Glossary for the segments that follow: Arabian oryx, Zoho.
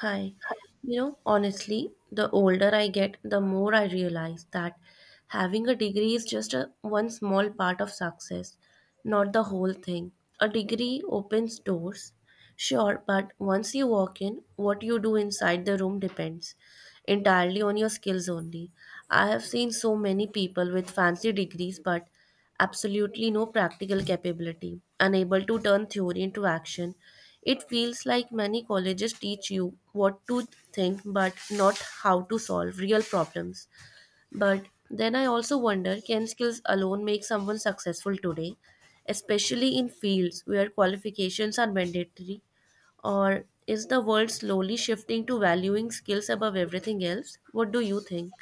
Hi. You know, honestly, the older I get, the more I realize that having a degree is just one small part of success, not the whole thing. A degree opens doors, sure, but once you walk in, what you do inside the room depends entirely on your skills only. I have seen so many people with fancy degrees but absolutely no practical capability, unable to turn theory into action. It feels like many colleges teach you what to think but not how to solve real problems. But then I also wonder, can skills alone make someone successful today, especially in fields where qualifications are mandatory? Or is the world slowly shifting to valuing skills above everything else? What do you think?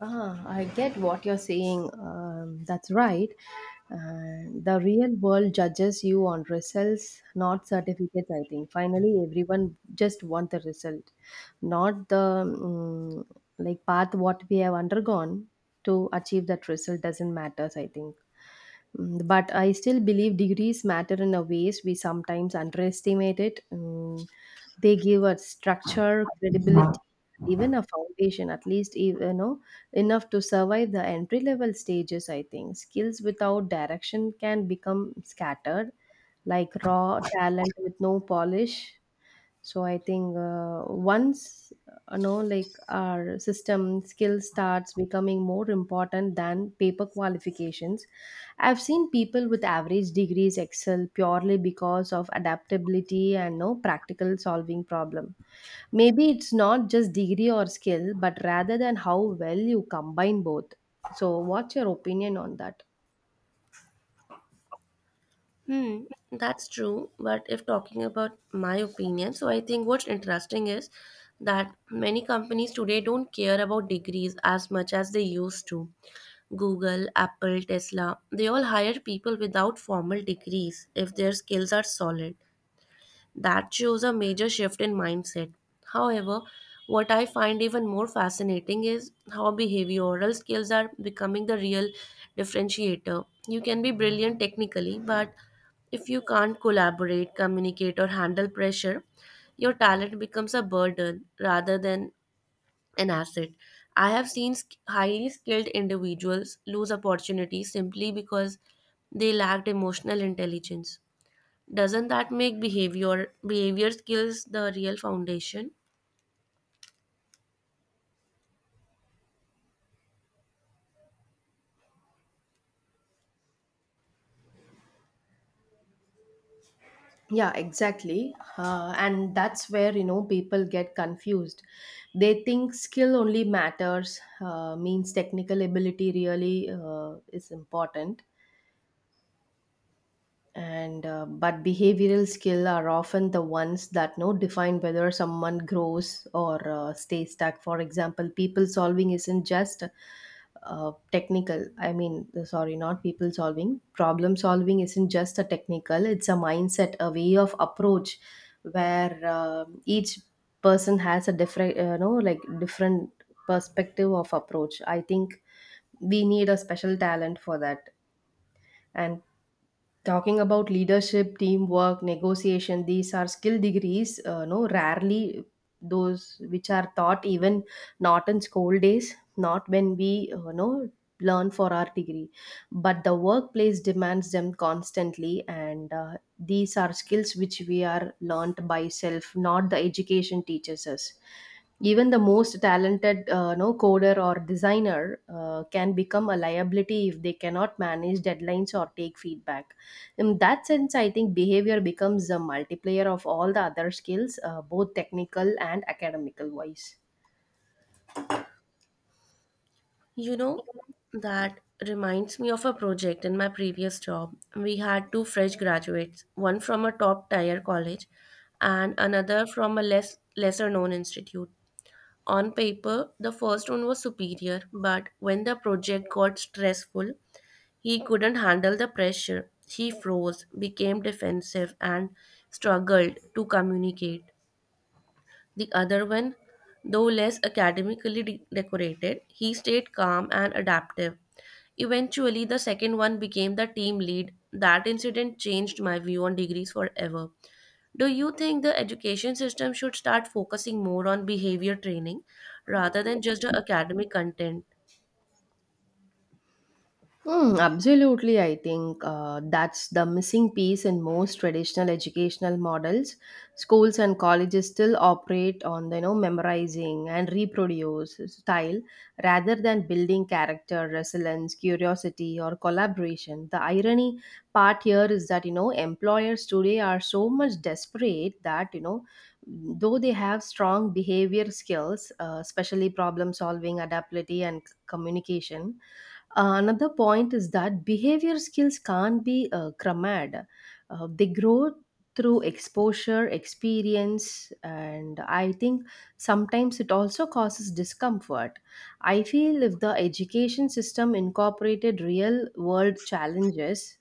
Ah, I get what you're saying. That's right. The real world judges you on results, not certificates, I think. Finally, everyone just want the result, not the like path what we have undergone to achieve that result doesn't matter, I think. But I still believe degrees matter in a ways we sometimes underestimate it. They give us structure, credibility, even a foundation, at least e, you know enough to survive the entry level stages. I think skills without direction can become scattered, like raw talent with no polish. So I think once like our system, skill starts becoming more important than paper qualifications. I've seen people with average degrees excel purely because of adaptability and no practical solving problem. Maybe it's not just degree or skill but rather than how well you combine both. So what's your opinion on that? Hmm, that's true. But if talking about my opinion, so I think what's interesting is that many companies today don't care about degrees as much as they used to. Google, Apple, Tesla, they all hire people without formal degrees if their skills are solid. That shows a major shift in mindset. However, what I find even more fascinating is how behavioral skills are becoming the real differentiator. You can be brilliant technically, but if you can't collaborate, communicate, or handle pressure, your talent becomes a burden rather than an asset. I have seen highly skilled individuals lose opportunities simply because they lacked emotional intelligence. Doesn't that make behavior skills the real foundation? Yeah, exactly, and that's where people get confused. They think skill only matters, means technical ability really is important. And but behavioral skill are often the ones that know define whether someone grows or stays stuck. For example, people solving isn't just technical, I mean, sorry, not people solving, problem solving isn't just a technical. It's a mindset, a way of approach where each person has a different, like different perspective of approach, I think. We need a special talent for that. And talking about leadership, teamwork, negotiation, these are skill degrees no rarely those which are taught, even not in school days, not when we know learn for our degree. But the workplace demands them constantly, and these are skills which we are learnt by self, not the education teaches us. Even the most talented no coder or designer can become a liability if they cannot manage deadlines or take feedback. In that sense, I think behavior becomes a multiplier of all the other skills, both technical and academical wise. You know, that reminds me of a project in my previous job. We had two fresh graduates, one from a top tier college and another from a lesser known institute. On paper, the first one was superior, but when the project got stressful, he couldn't handle the pressure. He froze, became defensive, and struggled to communicate. The other one, though less academically decorated, he stayed calm and adaptive. Eventually, the second one became the team lead. That incident changed my view on degrees forever. Do you think the education system should start focusing more on behavior training rather than just the academic content? Mm, absolutely, I think that's the missing piece in most traditional educational models. Schools and colleges still operate on, memorizing and reproduce style rather than building character, resilience, curiosity, or collaboration. The irony part here is that, employers today are so much desperate that, though they have strong behavior skills, especially problem solving, adaptability, and communication. Another point is that behavior skills can't be crammed. They grow through exposure, experience, and I think sometimes it also causes discomfort. I feel if the education system incorporated real world challenges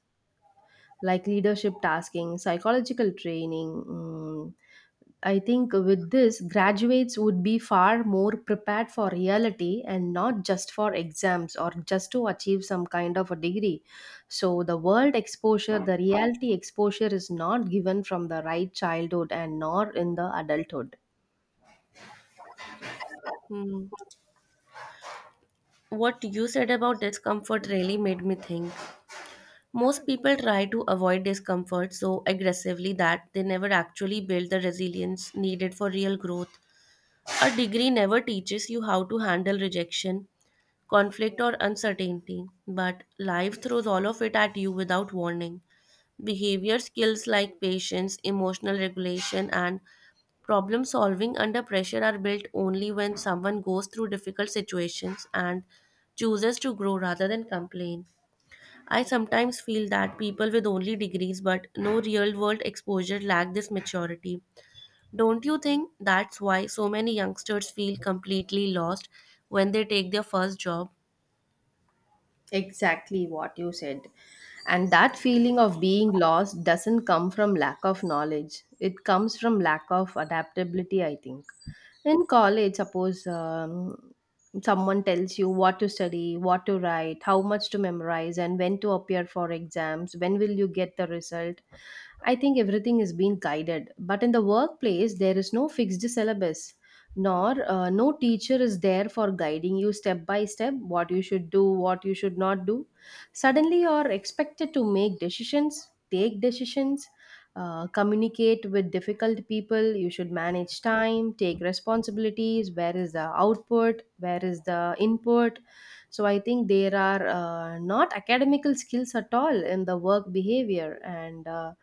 like leadership tasking, psychological training, I think with this, graduates would be far more prepared for reality and not just for exams or just to achieve some kind of a degree. So, the world exposure, the reality exposure is not given from the right childhood and nor in the adulthood. Hmm. What you said about discomfort really made me think. Most people try to avoid discomfort so aggressively that they never actually build the resilience needed for real growth. A degree never teaches you how to handle rejection, conflict, or uncertainty, but life throws all of it at you without warning. Behavior skills like patience, emotional regulation, and problem solving under pressure are built only when someone goes through difficult situations and chooses to grow rather than complain. I sometimes feel that people with only degrees but no real world exposure lack this maturity. Don't you think that's why so many youngsters feel completely lost when they take their first job? Exactly what you said. And that feeling of being lost doesn't come from lack of knowledge, it comes from lack of adaptability, I think. In college, suppose someone tells you what to study, what to write, how much to memorize, and when to appear for exams, when will you get the result? I think everything is being guided, but in the workplace, there is no fixed syllabus, nor no teacher is there for guiding you step by step what you should do, what you should not do. Suddenly, you are expected to make decisions, take decisions, communicate with difficult people. You should manage time, take responsibilities. Where is the output? Where is the input? So I think there are not academical skills at all in the work behavior. And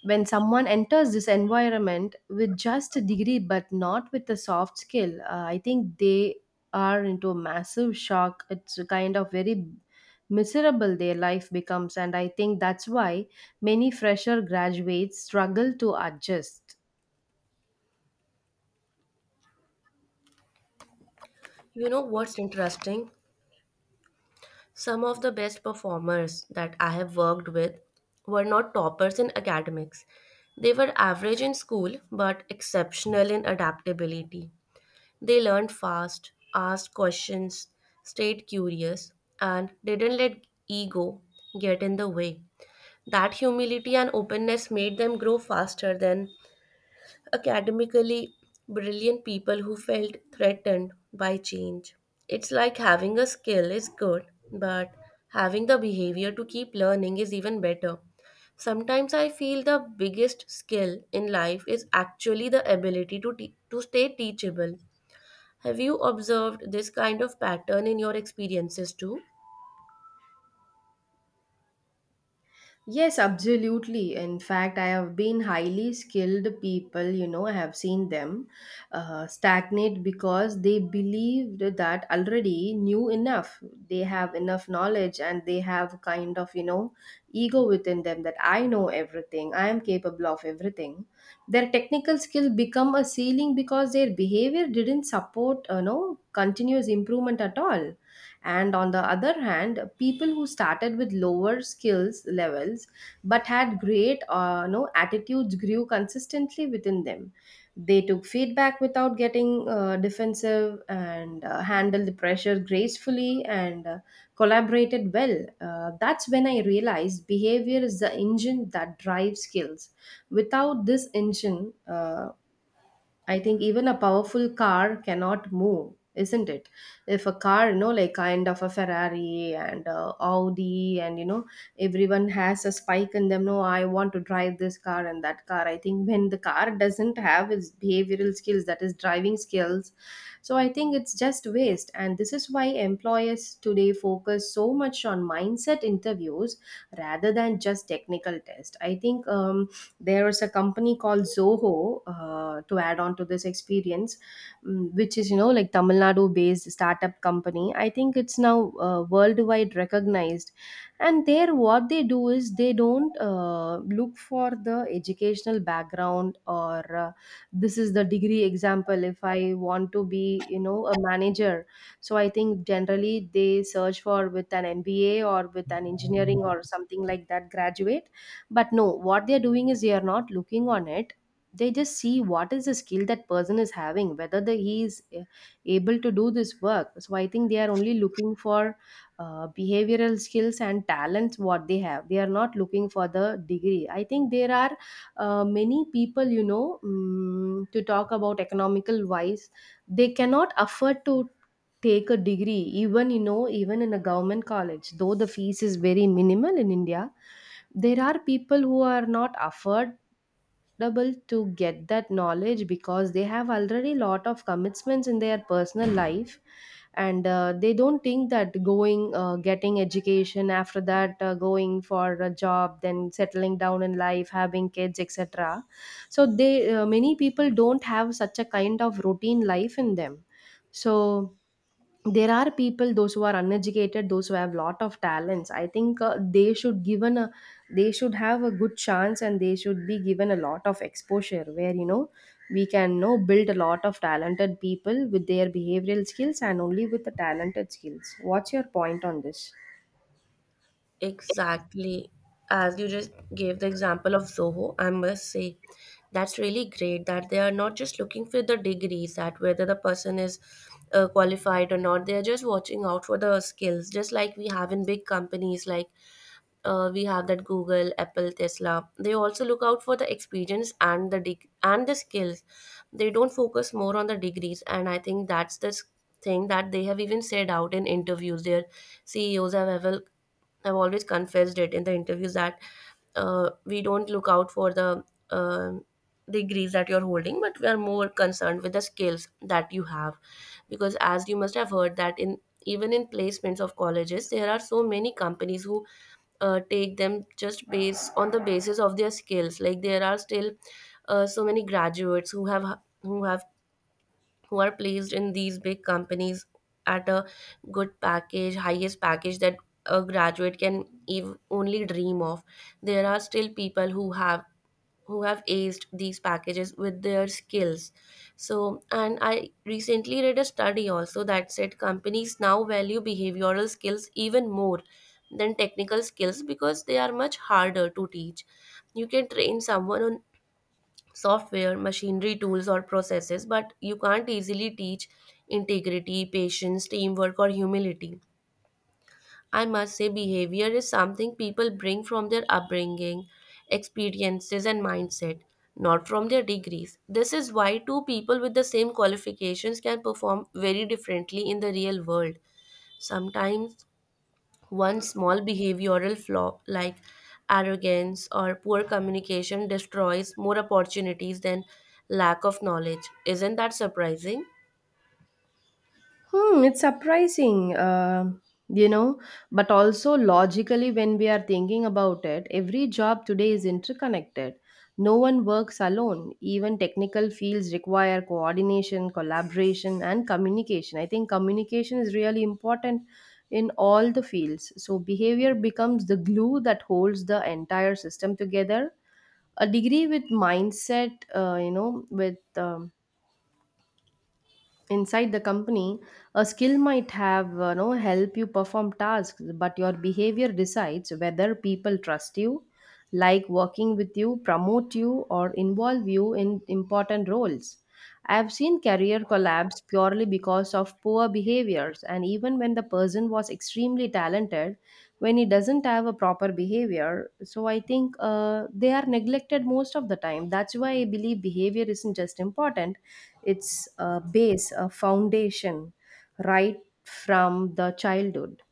when someone enters this environment with just a degree but not with a soft skill, I think they are into a massive shock. It's kind of very miserable, their life becomes, and I think that's why many fresher graduates struggle to adjust. You know what's interesting? Some of the best performers that I have worked with were not toppers in academics. They were average in school but exceptional in adaptability. They learned fast, asked questions, stayed curious, and didn't let ego get in the way. That humility and openness made them grow faster than academically brilliant people who felt threatened by change. It's like having a skill is good, but having the behavior to keep learning is even better. Sometimes I feel the biggest skill in life is actually the ability to stay teachable. Have you observed this kind of pattern in your experiences too? Yes, absolutely. In fact, I have been highly skilled people, I have seen them stagnate because they believed that already knew enough. They have enough knowledge and they have kind of, ego within them, that I know everything, I am capable of everything. Their technical skill become a ceiling because their behavior didn't support, continuous improvement at all. And on the other hand, people who started with lower skills levels but had great no attitudes grew consistently within them. They took feedback without getting defensive, and handled the pressure gracefully, and collaborated well. That's when I realized behavior is the engine that drives skills. Without this engine, I think even a powerful car cannot move, isn't it? If a car, like kind of a Ferrari and a Audi, and everyone has a spike in them. No, I want to drive this car and that car. I think when the car doesn't have its behavioral skills, that is driving skills, so I think it's just waste. And this is why employers today focus so much on mindset interviews rather than just technical test, I think. There is a company called Zoho, to add on to this experience, which is like Tamil Nadu based startup company. I think it's now worldwide recognized, and there what they do is they don't look for the educational background or this is the degree example. If I want to be, a manager, so I think generally they search for with an MBA or with an engineering or something like that graduate. But no, what they're doing is they are not looking on it. They just see what is the skill that person is having, whether he is able to do this work. So I think they are only looking for behavioral skills and talents what they have. They are not looking for the degree. I think there are many people, to talk about economical wise, they cannot afford to take a degree. Even, even in a government college, though the fees is very minimal in india, there are people who are not affordable to get that knowledge because they have already lot of commitments in their personal life. And they don't think that going, getting education after that, going for a job, then settling down in life, having kids, etc. So they, many people don't have such a kind of routine life in them. So there are people, those who are uneducated, those who have lot of talents, I think they should given a, they should have a good chance, and they should be given a lot of exposure where, we can know build a lot of talented people with their behavioral skills and only with the talented skills. What's your point on this? Exactly. As you just gave the example of Zoho, I must say that's really great that they are not just looking for the degrees, that whether the person is qualified or not, they are just watching out for the skills, just like we have in big companies like we have that Google, Apple, Tesla. They also look out for the experience and the skills. They don't focus more on the degrees, and I think that's the thing that they have even said out in interviews. Their CEOs have ever I've always confessed it in the interviews that we don't look out for the um degrees that you're holding, but we are more concerned with the skills that you have. Because as you must have heard that in even in placements of colleges, there are so many companies who take them just based on the basis of their skills. Like there are still so many graduates who have who are placed in these big companies at a good package, highest package that a graduate can only dream of. There are still people who have aced these packages with their skills. So, and I recently read a study also that said companies now value behavioral skills even more than technical skills because they are much harder to teach. You can train someone on software, machinery, tools, or processes, but you can't easily teach integrity, patience, teamwork, or humility. I must say, behavior is something people bring from their upbringing, experiences, and mindset, not from their degrees. This is why two people with the same qualifications can perform very differently in the real world. Sometimes one small behavioral flaw, like arrogance or poor communication, destroys more opportunities than lack of knowledge. Isn't that surprising? Hmm, it's surprising, you know, but also logically, when we are thinking about it, every job today is interconnected. No one works alone. Even technical fields require coordination, collaboration, and communication. I think communication is really important in all the fields. So, behavior becomes the glue that holds the entire system together. A degree with mindset, with um, inside the company, a skill might have, help you perform tasks, but your behavior decides whether people trust you, like working with you, promote you or involve you in important roles. I've seen career collapse purely because of poor behaviors, and even when the person was extremely talented, when he doesn't have a proper behavior, so I think they are neglected most of the time. That's why I believe behavior isn't just important, it's a base, a foundation, right from the childhood.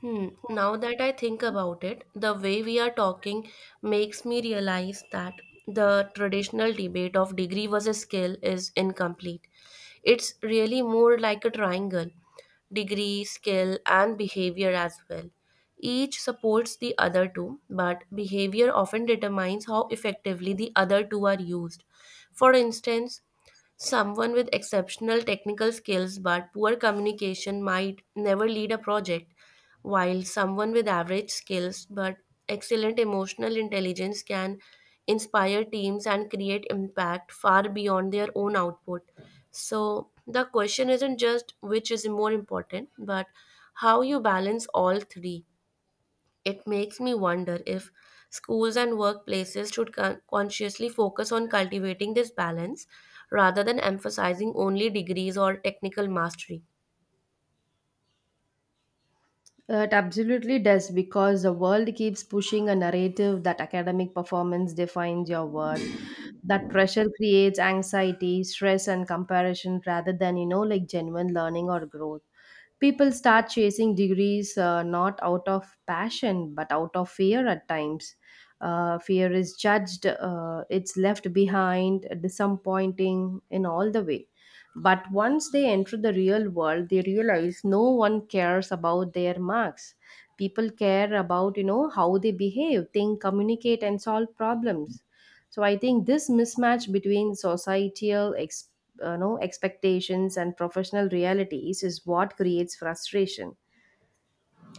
Hmm. Now that I think about it, the way we are talking makes me realize that the traditional debate of degree versus skill is incomplete. It's really more like a triangle: degree, skill, and behavior as well. Each supports the other two, but behavior often determines how effectively the other two are used. For instance, someone with exceptional technical skills but poor communication might never lead a project, while someone with average skills but excellent emotional intelligence can inspire teams and create impact far beyond their own output. So, the question isn't just which is more important, but how you balance all three. It makes me wonder if schools and workplaces should consciously focus on cultivating this balance rather than emphasizing only degrees or technical mastery. It absolutely does because the world keeps pushing a narrative that academic performance defines your worth. That pressure creates anxiety, stress, and comparison rather than, like genuine learning or growth. People start chasing degrees not out of passion but out of fear at times. Fear is judged, it's left behind, disappointing in all the way. But once they enter the real world, they realize no one cares about their marks. People care about, how they behave, think, communicate, and solve problems. So I think this mismatch between societal ex- no, expectations and professional realities is what creates frustration.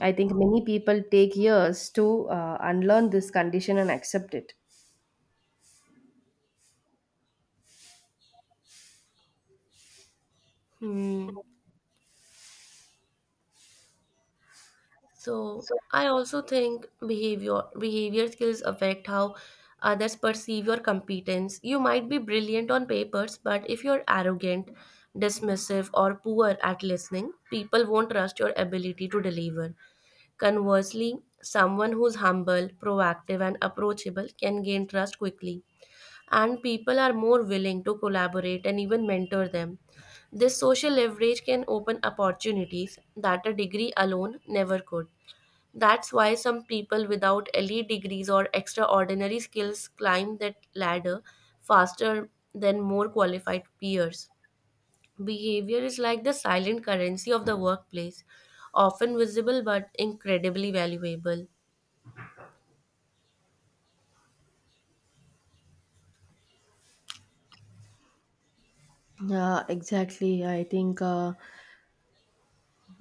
I think many people take years to unlearn this condition and accept it. Hmm. So So, I also think behavior skills affect how others perceive your competence. You might be brilliant on papers, but if you're arrogant, dismissive, or poor at listening, people won't trust your ability to deliver. Conversely, someone who's humble, proactive, and approachable can gain trust quickly, and people are more willing to collaborate and even mentor them. This social leverage can open opportunities that a degree alone never could. That's why some people without elite degrees or extraordinary skills climb that ladder faster than more qualified peers. Behavior is like the silent currency of the workplace, often visible but incredibly valuable. yeah, exactly. I think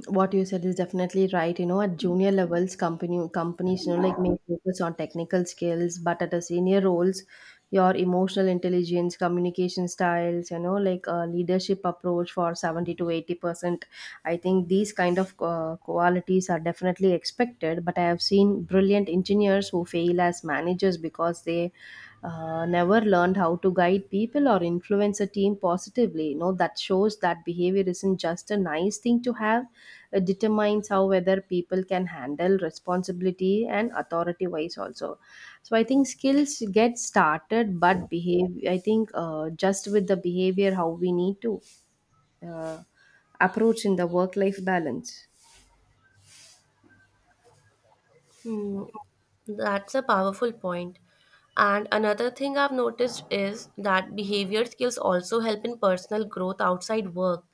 what you said is definitely right. At junior levels, company companies, like, may focus on technical skills, but at a senior roles, your emotional intelligence, communication styles, like a leadership approach for 70 to 80%. I think these kind of qualities are definitely expected. But I have seen brilliant engineers who fail as managers because they never learned how to guide people or influence a team positively. You know, that shows that behavior isn't just a nice thing to have. It determines how whether people can handle responsibility and authority wise also. So I think skills get started, but behave. I think just with the behavior, how we need to uh, approach in the work life balance. Hmm, that's a powerful point. And another thing I've noticed is that behavior skills also help in personal growth outside work.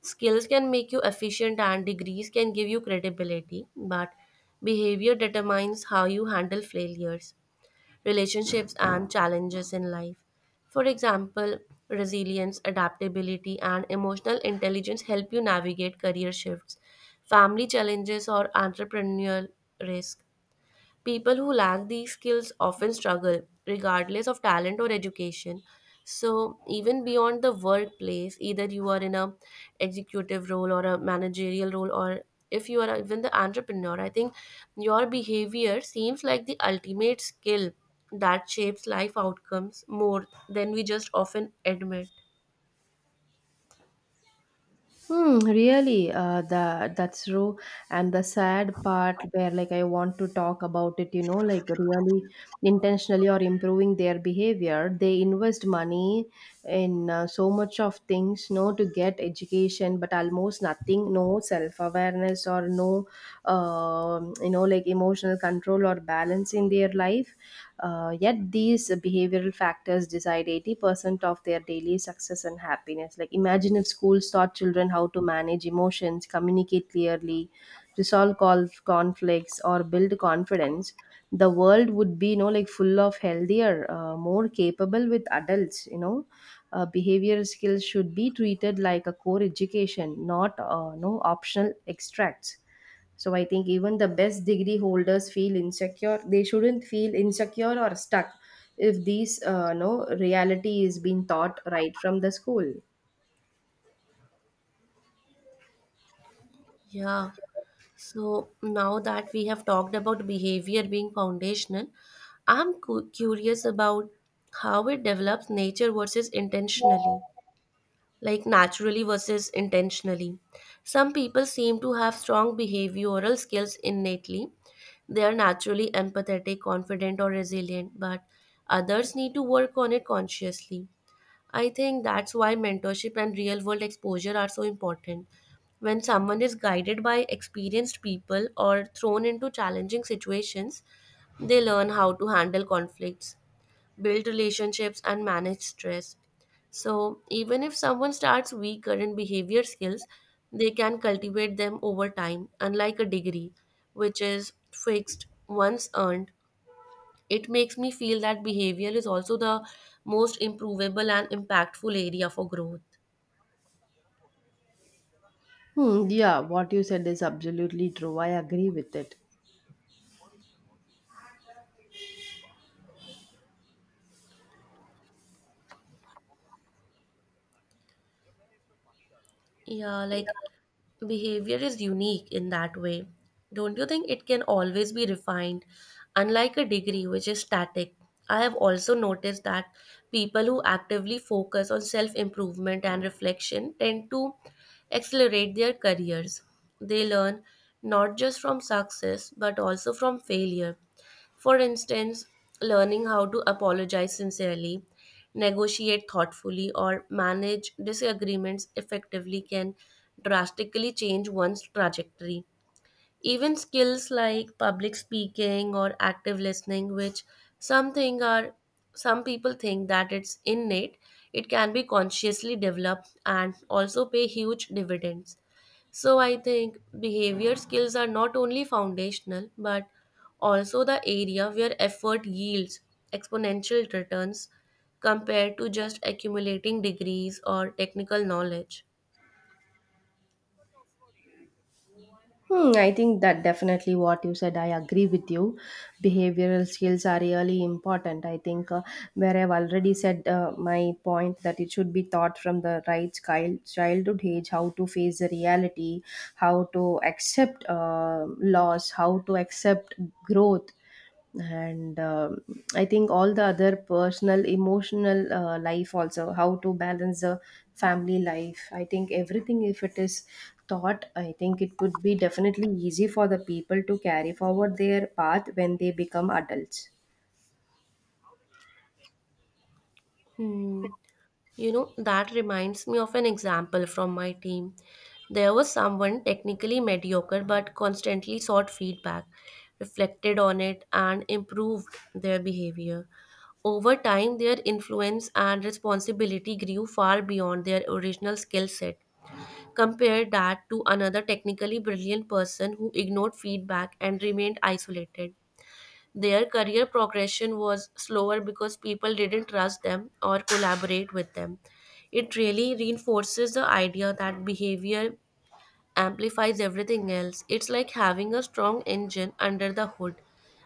Skills can make you efficient, and degrees can give you credibility, but behavior determines how you handle failures, relationships, and challenges in life. For example, resilience, adaptability, and emotional intelligence help you navigate career shifts, family challenges, or entrepreneurial risk. People who lack these skills often struggle, regardless of talent or education. So, even beyond the workplace, either you are in a executive role or a managerial role, or if you are even the entrepreneur, I think your behavior seems like the ultimate skill that shapes life outcomes more than we just often admit. Hmm, really, the that's true. And the sad part where like I want to talk about it, you know, like really intentionally or improving their behavior, they invest money in so much of things, no, to get education, but almost nothing, no self awareness or no, you know, like emotional control or balance in their life. Yet these behavioral factors decide 80% of their daily success and happiness. Like, imagine if schools taught children how to manage emotions, communicate clearly, resolve conflicts, or build confidence, the world would be, you know, like full of healthier, more capable with adults, you know. Behavioral skills should be treated like a core education, not no optional extracts, so I think even the best degree holders feel insecure. They shouldn't feel insecure or stuck if these no reality is being taught right from the school. Yeah. So now that we have talked about behavior being foundational, I'm curious about how it develops nature versus intentionally, like naturally versus intentionally. Some people seem to have strong behavioral skills innately. They are naturally empathetic, confident, or resilient, but others need to work on it consciously. I think that's why mentorship and real world exposure are so important. When someone is guided by experienced people or thrown into challenging situations, they learn how to handle conflicts, build relationships, and manage stress. So, even if someone starts weaker in behavior skills, they can cultivate them over time, unlike a degree, which is fixed once earned. It makes me feel that behavior is also the most improvable and impactful area for growth. Hmm, yeah, what you said is absolutely true. I agree with it. Yeah, like behavior is unique in that way. Don't you think it can always be refined, unlike a degree which is static? I have also noticed that people who actively focus on self improvement and reflection tend to accelerate their careers. They learn not just from success but also from failure. For instance, learning how to apologize sincerely, negotiate thoughtfully, or manage disagreements effectively can drastically change one's trajectory. Even skills like public speaking or active listening, which some think are some people think that it's innate, it can be consciously developed and also pay huge dividends. So I think behavior skills are not only foundational but also the area where effort yields exponential returns compared to just accumulating degrees or technical knowledge. Hmm, I think that definitely what you said, I agree with you. Behavioral skills are really important. I think where I've already said my point that it should be taught from the right childhood age, how to face the reality, how to accept loss, how to accept growth, and I think all the other personal emotional life, also how to balance the family life. I think everything, if it is taught, I think it could be definitely easy for the people to carry forward their path when they become adults. Hmm. You know, that reminds me of an example from my team. There was someone technically mediocre but constantly sought feedback, reflected on it, and improved their behavior. Over time, their influence and responsibility grew far beyond their original skill set. Compare that to another technically brilliant person who ignored feedback and remained isolated. Their career progression was slower because people didn't trust them or collaborate with them. It really reinforces the idea that behavior amplifies everything else. It's like having a strong engine under the hood.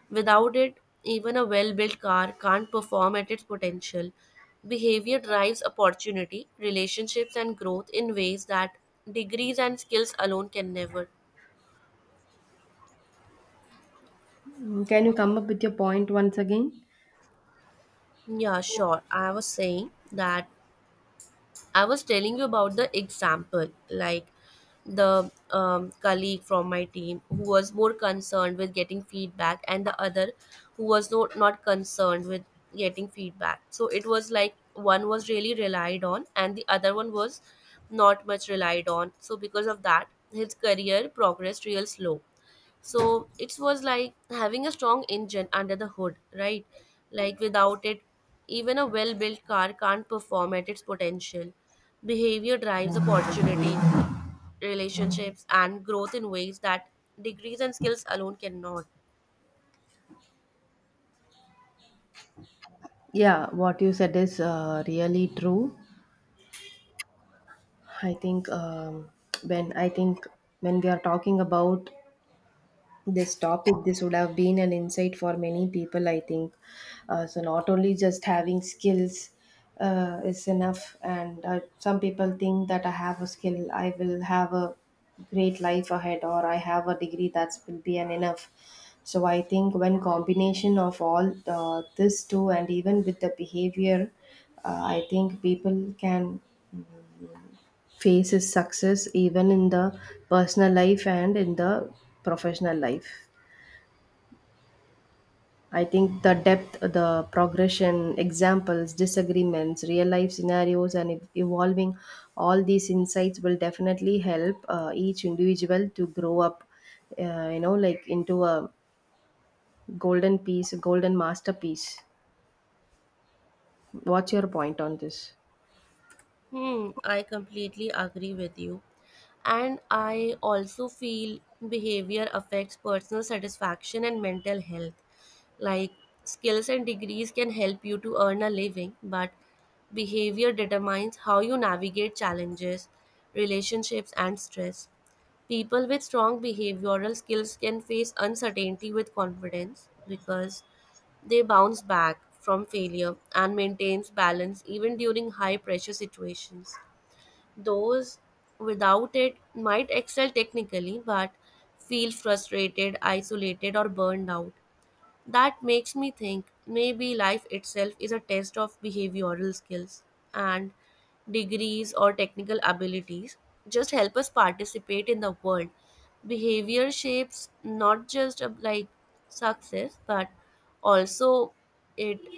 Without it, even a well built car can't perform at its potential. Behavior drives opportunity, relationships, and growth in ways that degrees and skills alone can never. Mm, can you come up with your point once again? Yeah, sure. I was saying that I was telling you about the example, like the colleague from my team who was more concerned with getting feedback, and the other who was not concerned with getting feedback. So it was like one was really relied on, and the other one was not much relied on. So because of that, his career progressed real slow. So it was like having a strong engine under the hood, right? Like without it, even a well built car can't perform at its potential. Behavior drives opportunity, relationships, and growth in ways that degrees and skills alone cannot. Yeah, what you said is really true. I think when I think, when we are talking about this topic, this would have been an insight for many people. I think so not only just having skills is enough, and some people think that I have a skill, I will have a great life ahead, or I have a degree that will be an enough. So I think when combination of all this too, and even with the behavior, I think people can face is success even in the personal life and in the professional life. I think the depth, the progression, examples, disagreements, real life scenarios, and evolving all these insights will definitely help each individual to grow up, you know, like into a golden piece, a golden masterpiece. What's your point on this? Hmm, I completely agree with you, and I also feel behavior affects personal satisfaction and mental health. Like skills and degrees can help you to earn a living, but behavior determines how you navigate challenges, relationships, and stress. People with strong behavioral skills can face uncertainty with confidence because they bounce back from failure and maintains balance even during high pressure situations. Those without it might excel technically but feel frustrated, isolated, or burned out. That makes me think maybe life itself is a test of behavioral skills, and degrees or technical abilities just help us participate in the world. Behavior shapes not just success but also it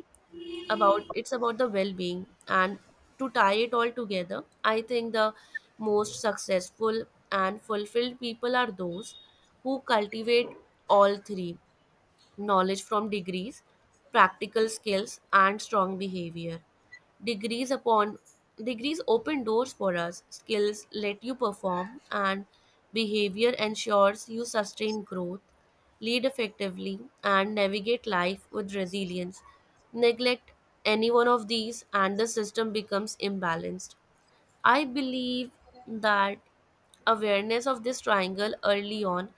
it's about the well-being. And to tie it all together, I think the most successful and fulfilled people are those who cultivate all three: knowledge from degrees, practical skills, and strong behavior. Degrees upon Degrees open doors for us. Skills let you perform, and behavior ensures you sustain growth, lead effectively, and navigate life with resilience. Neglect any one of these, and the system becomes imbalanced. I believe that awareness of this triangle early on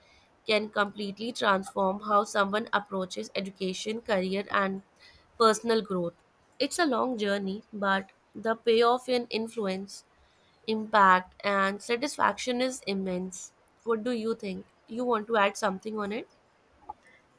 can completely transform how someone approaches education, career, and personal growth. It's a long journey, but the payoff in influence, impact, and satisfaction is immense. What do you think? You want to add something on it?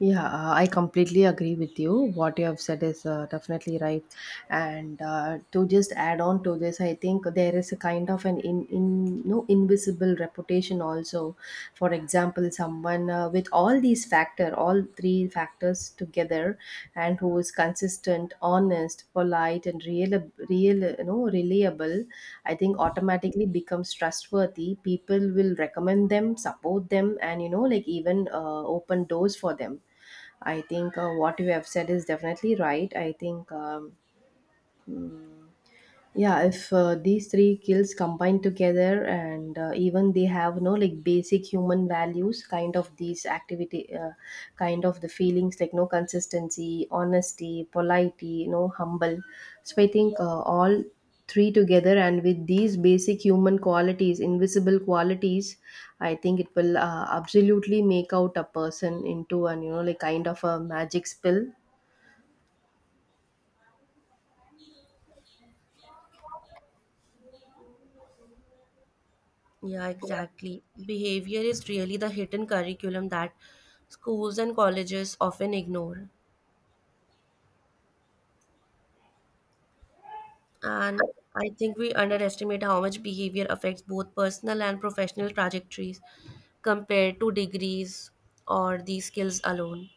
Yeah, I completely agree with you. What you have said is definitely right. And to just add on to this, I think there is a kind of an in no invisible reputation also. For example, someone with all these factor, all three factors together, and who is consistent, honest, polite, and real, you know, reliable. I think automatically becomes trustworthy. People will recommend them, support them, and you know, like even open doors for them. I think what you have said is definitely right. I think, mm, yeah, if these three skills combine together, and even they have no like basic human values, kind of these activity, kind of the feelings like no consistency, honesty, polity, no humble. So I think all three together and with these basic human qualities, invisible qualities, I think it will absolutely make out a person into an, you know, like kind of a magic spell. Yeah, exactly. Behavior is really the hidden curriculum that schools and colleges often ignore. And I think we underestimate how much behavior affects both personal and professional trajectories compared to degrees or the skills alone.